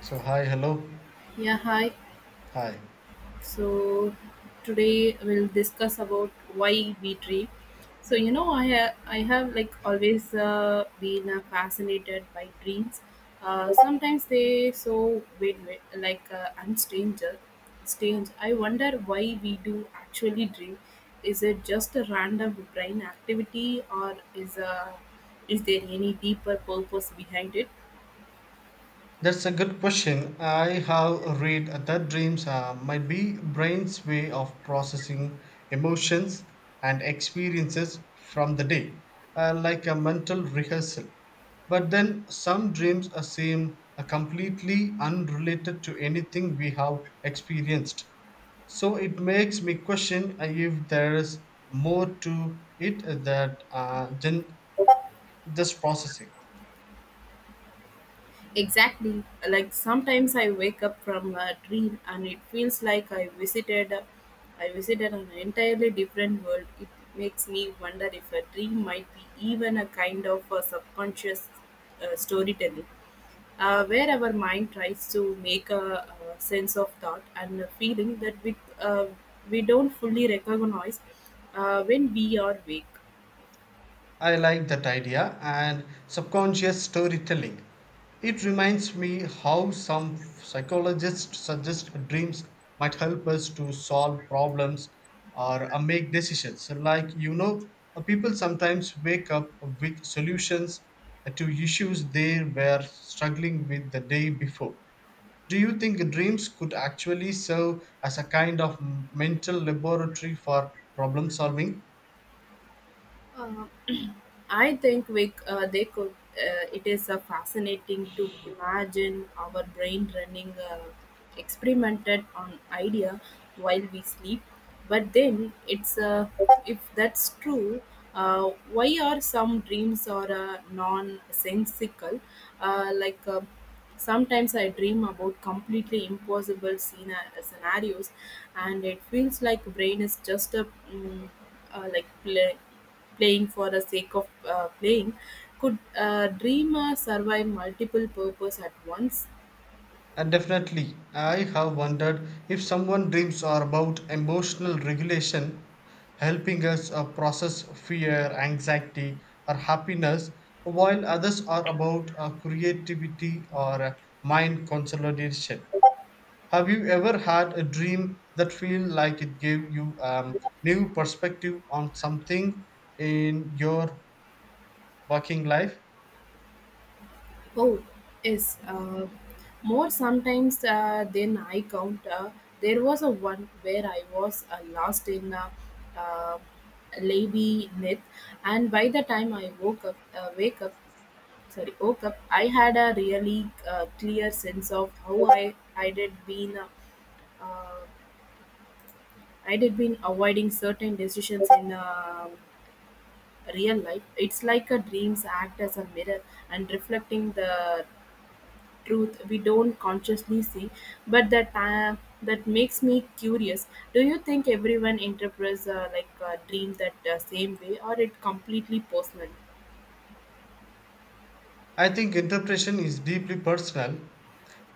So hi, hello, Yeah, hi. hi. So today we'll discuss about why we dream. I I have like always been fascinated by dreams. Sometimes they so weird, like and strange. I wonder why we do actually dream. Is it just a random brain activity, or is there any deeper purpose behind it? That's a good question. I have read that dreams might be brain's way of processing emotions and experiences from the day, like a mental rehearsal. But then some dreams seem completely unrelated to anything we have experienced. So it makes me question if there is more to it that than just processing. Exactly. Like sometimes I wake up from a dream and it feels like I visited an entirely different world. It makes me wonder if a dream might be even a kind of a subconscious storytelling, where our mind tries to make sense of thought and a feeling that we don't fully recognize when we are awake. I like that idea and subconscious storytelling. It reminds me how some psychologists suggest dreams might help us to solve problems or make decisions. So like, you know, people sometimes wake up with solutions to issues they were struggling with the day before. Do you think dreams could actually serve as a kind of mental laboratory for problem solving? I think they could. It is fascinating to imagine our brain running experimented on idea while we sleep. But then it's if that's true, why are some dreams or non-sensical? Uh, like uh, sometimes I dream about completely impossible scenarios, and it feels like brain is just a like playing for the sake of playing. Could a dreamer survive multiple purpose at once? And definitely, I have wondered if someone dreams are about emotional regulation, helping us process fear, anxiety, or happiness, while others are about creativity or mind consolidation. Have you ever had a dream that feel like it gave you new perspective on something in your working life? Oh, yes. More sometimes than I count. There was a one where I was lost in a uh, lady net, and by the time I woke up, wake up, sorry, woke up, I had a really clear sense of how I did been. Uh, I did been avoiding certain decisions in real life. It's like a dreams act as a mirror and reflecting the truth we don't consciously see. But that makes me curious. Do you think everyone interprets like a dream that same way, or it completely personal? I think interpretation is deeply personal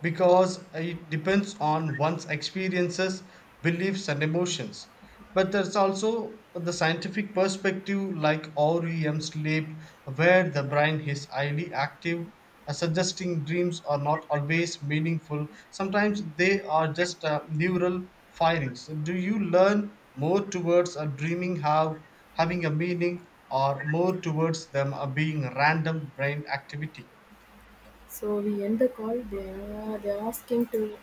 because it depends on one's experiences, beliefs, and emotions. But there's also the scientific perspective, like REM sleep, where the brain is highly active, suggesting dreams are not always meaningful. Sometimes they are just neural firings. Do you learn more towards a dreaming have having a meaning, or more towards them being random brain activity? So we end the call. They are asking to.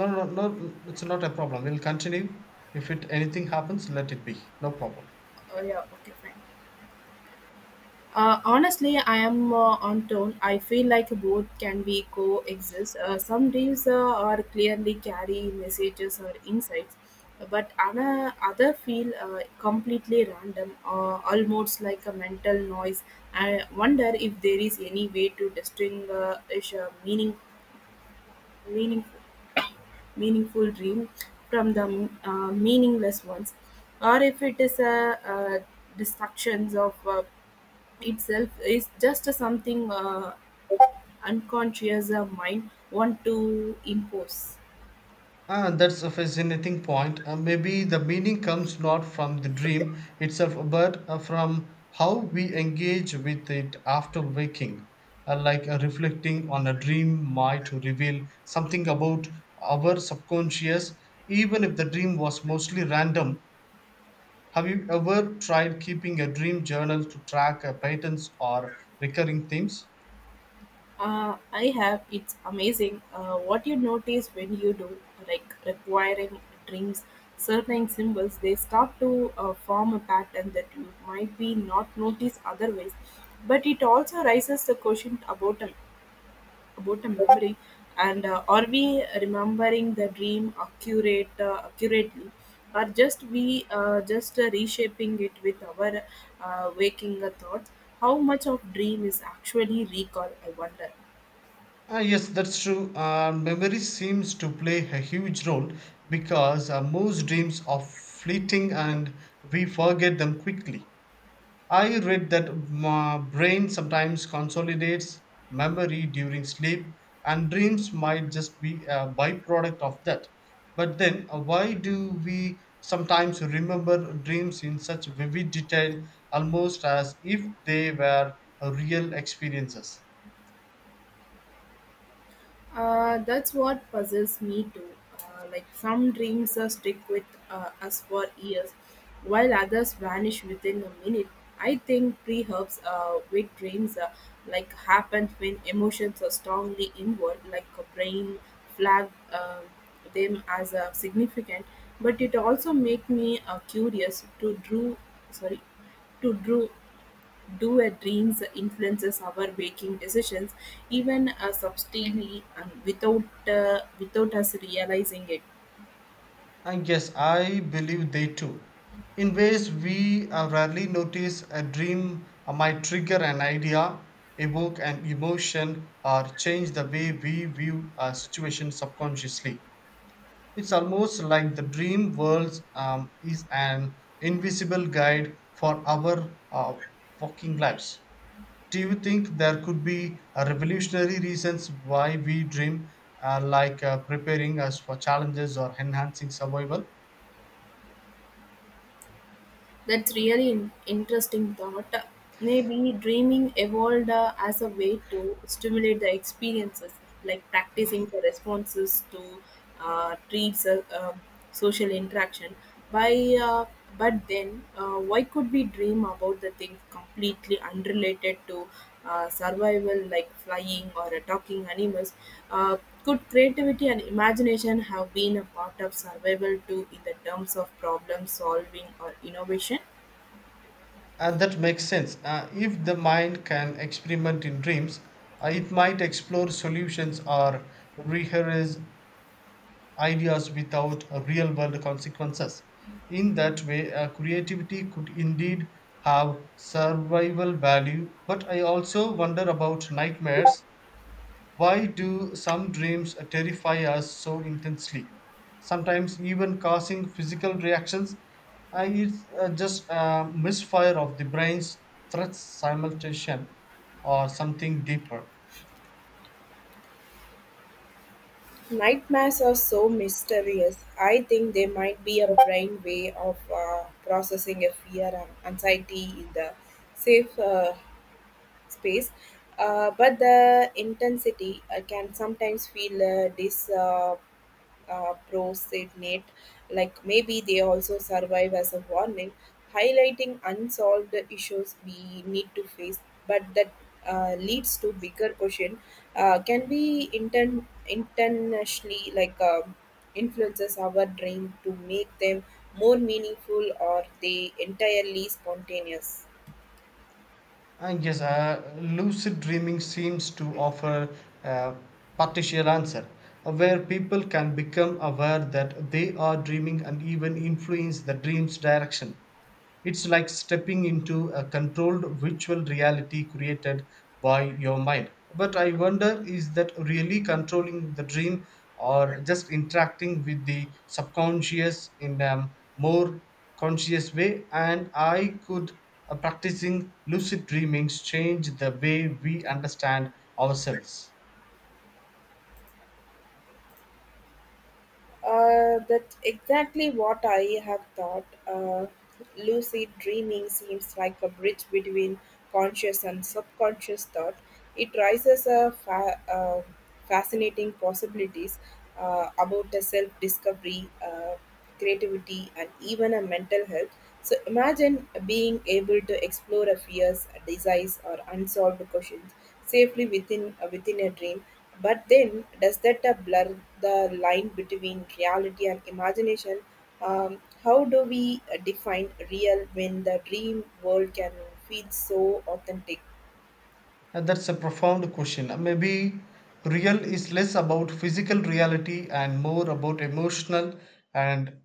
No, no, no, no, it's not a problem. We'll continue. If it anything happens, let it be. No problem. Oh yeah. Okay. Fine. Honestly, I am on tone. I feel like both can be coexist. Some deals are clearly carry messages or insights, but other feel completely random, almost like a mental noise. I wonder if there is any way to distinguish a meaning, meaningful dream from the meaningless ones, or if it is distractions of itself is just something unconscious mind want to impose. Ah, that's a fascinating point. Maybe the meaning comes not from the dream itself, but from how we engage with it after waking. Reflecting on a dream might reveal something about our subconscious, even if the dream was mostly random. Have you ever tried keeping a dream journal to track patterns or recurring themes? I have. It's amazing what you notice when you do, like requiring dreams, certain symbols. They start to form a pattern that you might be not notice otherwise. But it also raises the question about them, about a memory, and are we remembering the dream accurately or just we just reshaping it with our waking thoughts. How much of dream is actually recall, I wonder. Ah, yes, that's true. Memory seems to play a huge role because most dreams are fleeting and we forget them quickly. I read that my brain sometimes consolidates memory during sleep, and dreams might just be a byproduct of that. But then, why do we sometimes remember dreams in such vivid detail, almost as if they were real experiences? That's what puzzles me too. Like some dreams stick with us for years, while others vanish within a minute. I think pre-herbs with dreams like happens when emotions are strongly involved, like a brain flag them as significant. But it also make me curious to sorry, drew do-a-dreams influences our making decisions, even subtly and without us realizing it. And yes, I believe they too. In ways we rarely notice, a dream might trigger an idea, evoke an emotion, or change the way we view a situation subconsciously. It's almost like the dream world is an invisible guide for our walking lives. Do you think there could be revolutionary reasons why we dream, preparing us for challenges or enhancing survival? That's really interesting thought. Maybe dreaming evolved as a way to stimulate the experiences, like practicing the responses to treats, social interaction. By but then, why could we dream about the things completely unrelated to survival, like flying or talking animals? Uh, could creativity and imagination have been a part of survival too in the terms of problem solving or innovation? That makes sense. If the mind can experiment in dreams, it might explore solutions or rehearse ideas without real world consequences. In that way, creativity could indeed have survival value. But I also wonder about nightmares, why do some dreams terrify us so intensely, sometimes even causing physical reactions? It's just a misfire of the brain's threats simulation, or something deeper. Nightmares are so mysterious. I think they might be a brain way of processing a fear and anxiety in the safe space. But the intensity can sometimes feel disproportionate. uh, prosenate, like maybe they also survive as a warning, highlighting unsolved issues we need to face, but that leads to bigger question. Can we internationally like influences our dream to make them more meaningful or they entirely spontaneous? I guess lucid dreaming seems to offer a partial answer, where people can become aware that they are dreaming and even influence the dream's direction. It's like stepping into a controlled virtual reality created by your mind. But I wonder, is that really controlling the dream or just interacting with the subconscious in a more conscious way? And I could practicing lucid dreamings change the way we understand ourselves? That's exactly what I have thought. Lucid dreaming seems like a bridge between conscious and subconscious thought. It raises a fascinating possibilities about the self-discovery, creativity, and even a mental health. So imagine being able to explore a fears, a desires, or unsolved questions safely within a dream. But then, does that blur the line between reality and imagination? How do we define real when the dream world can feel so authentic? And that's a profound question. Maybe real is less about physical reality and more about emotional and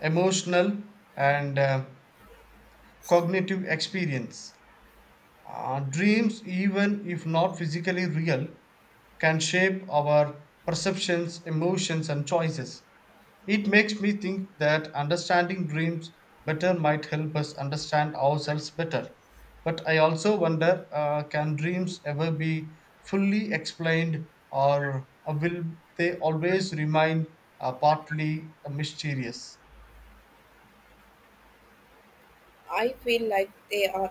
emotional and uh, cognitive experience. Dreams, even if not physically real, can shape our perceptions, emotions, and choices. It makes me think that understanding dreams better might help us understand ourselves better. But I also wonder, can dreams ever be fully explained, or will they always remain partly mysterious? I feel like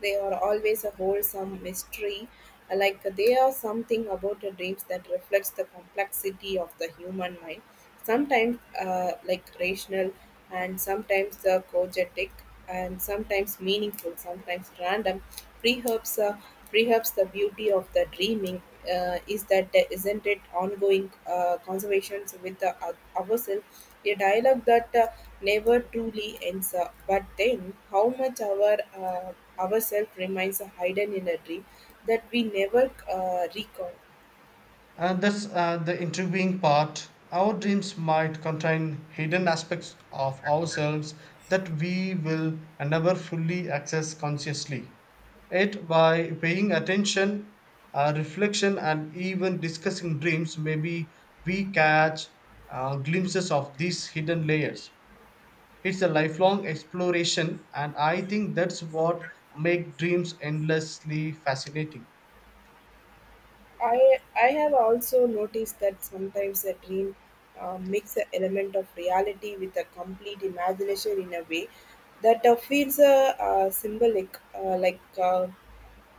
they are always a wholesome mystery, like they are something about the dreams that reflects the complexity of the human mind, sometimes like rational, and sometimes the cogetic, and sometimes meaningful, sometimes random. Perhaps, uh, perhaps the beauty of the dreaming is that there isn't it ongoing conversations with the, ourselves, a dialogue that never truly ends. But then, how much our ourself remains hidden in a dream that we never recall. And that's the intriguing part. Our dreams might contain hidden aspects of ourselves that we will never fully access consciously. Yet, by paying attention, reflection, and even discussing dreams, maybe we catch glimpses of these hidden layers. It's a lifelong exploration, and I think that's what makes dreams endlessly fascinating. I have also noticed that sometimes a dream mix an element of reality with a complete imagination in a way that feels symbolic, like. Uh,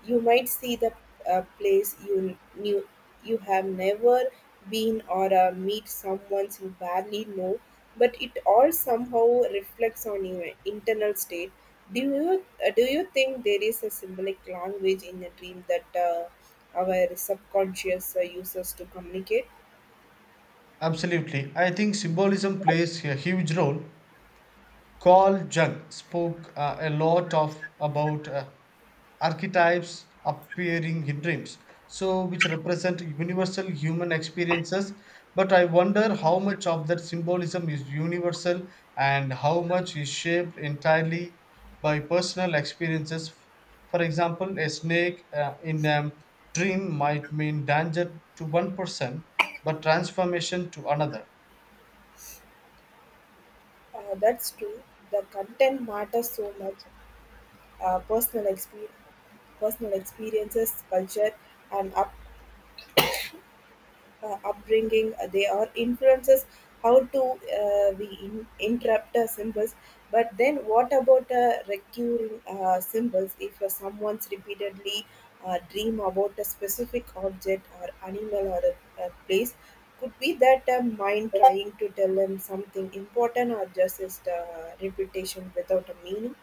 You might see the a place you knew you have never been or meet someone you barely know, but it all somehow reflects on your internal state. Do you think there is a symbolic language in a dream that our subconscious uses to communicate? Absolutely. I think symbolism plays a huge role. Carl Jung spoke a lot of about archetypes appearing in dreams, so which represent universal human experiences. But I wonder how much of that symbolism is universal and how much is shaped entirely by personal experiences. For example, a snake in a dream might mean danger to one person, but transformation to another. That's true. The content matters so much. Uh, personal experience personal experiences, culture, and up upbringing they are influences how to we in, interrupt symbols. But then what about recurring symbols, if someone's repeatedly dream about a specific object or animal or a place? Could be that a mind trying to tell them something important, or just is the reputation without a meaning?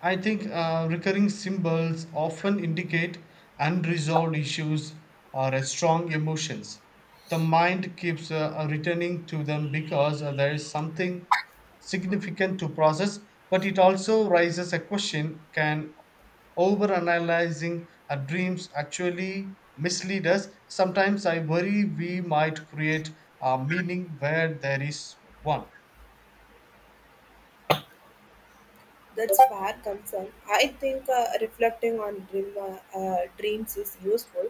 I think recurring symbols often indicate unresolved issues or strong emotions. The mind keeps returning to them because there is something significant to process, but it also raises a question, can overanalyzing our dreams actually mislead us? Sometimes I worry we might create a meaning where there is one. That's a bad concern. I think reflecting on dreams is useful,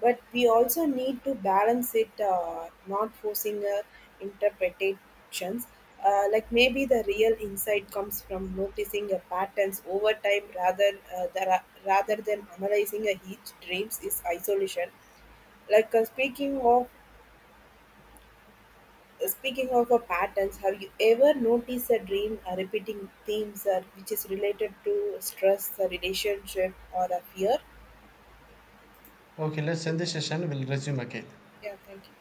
but we also need to balance it, not forcing interpretations. Like maybe the real insight comes from noticing a patterns over time uh, the, rather than analyzing a each dreams is isolation. Like uh, speaking of Speaking of patterns, have you ever noticed a dream repeating themes which is related to stress, relationship, or a fear? Okay, let's end this session. We'll resume again. Yeah, thank you.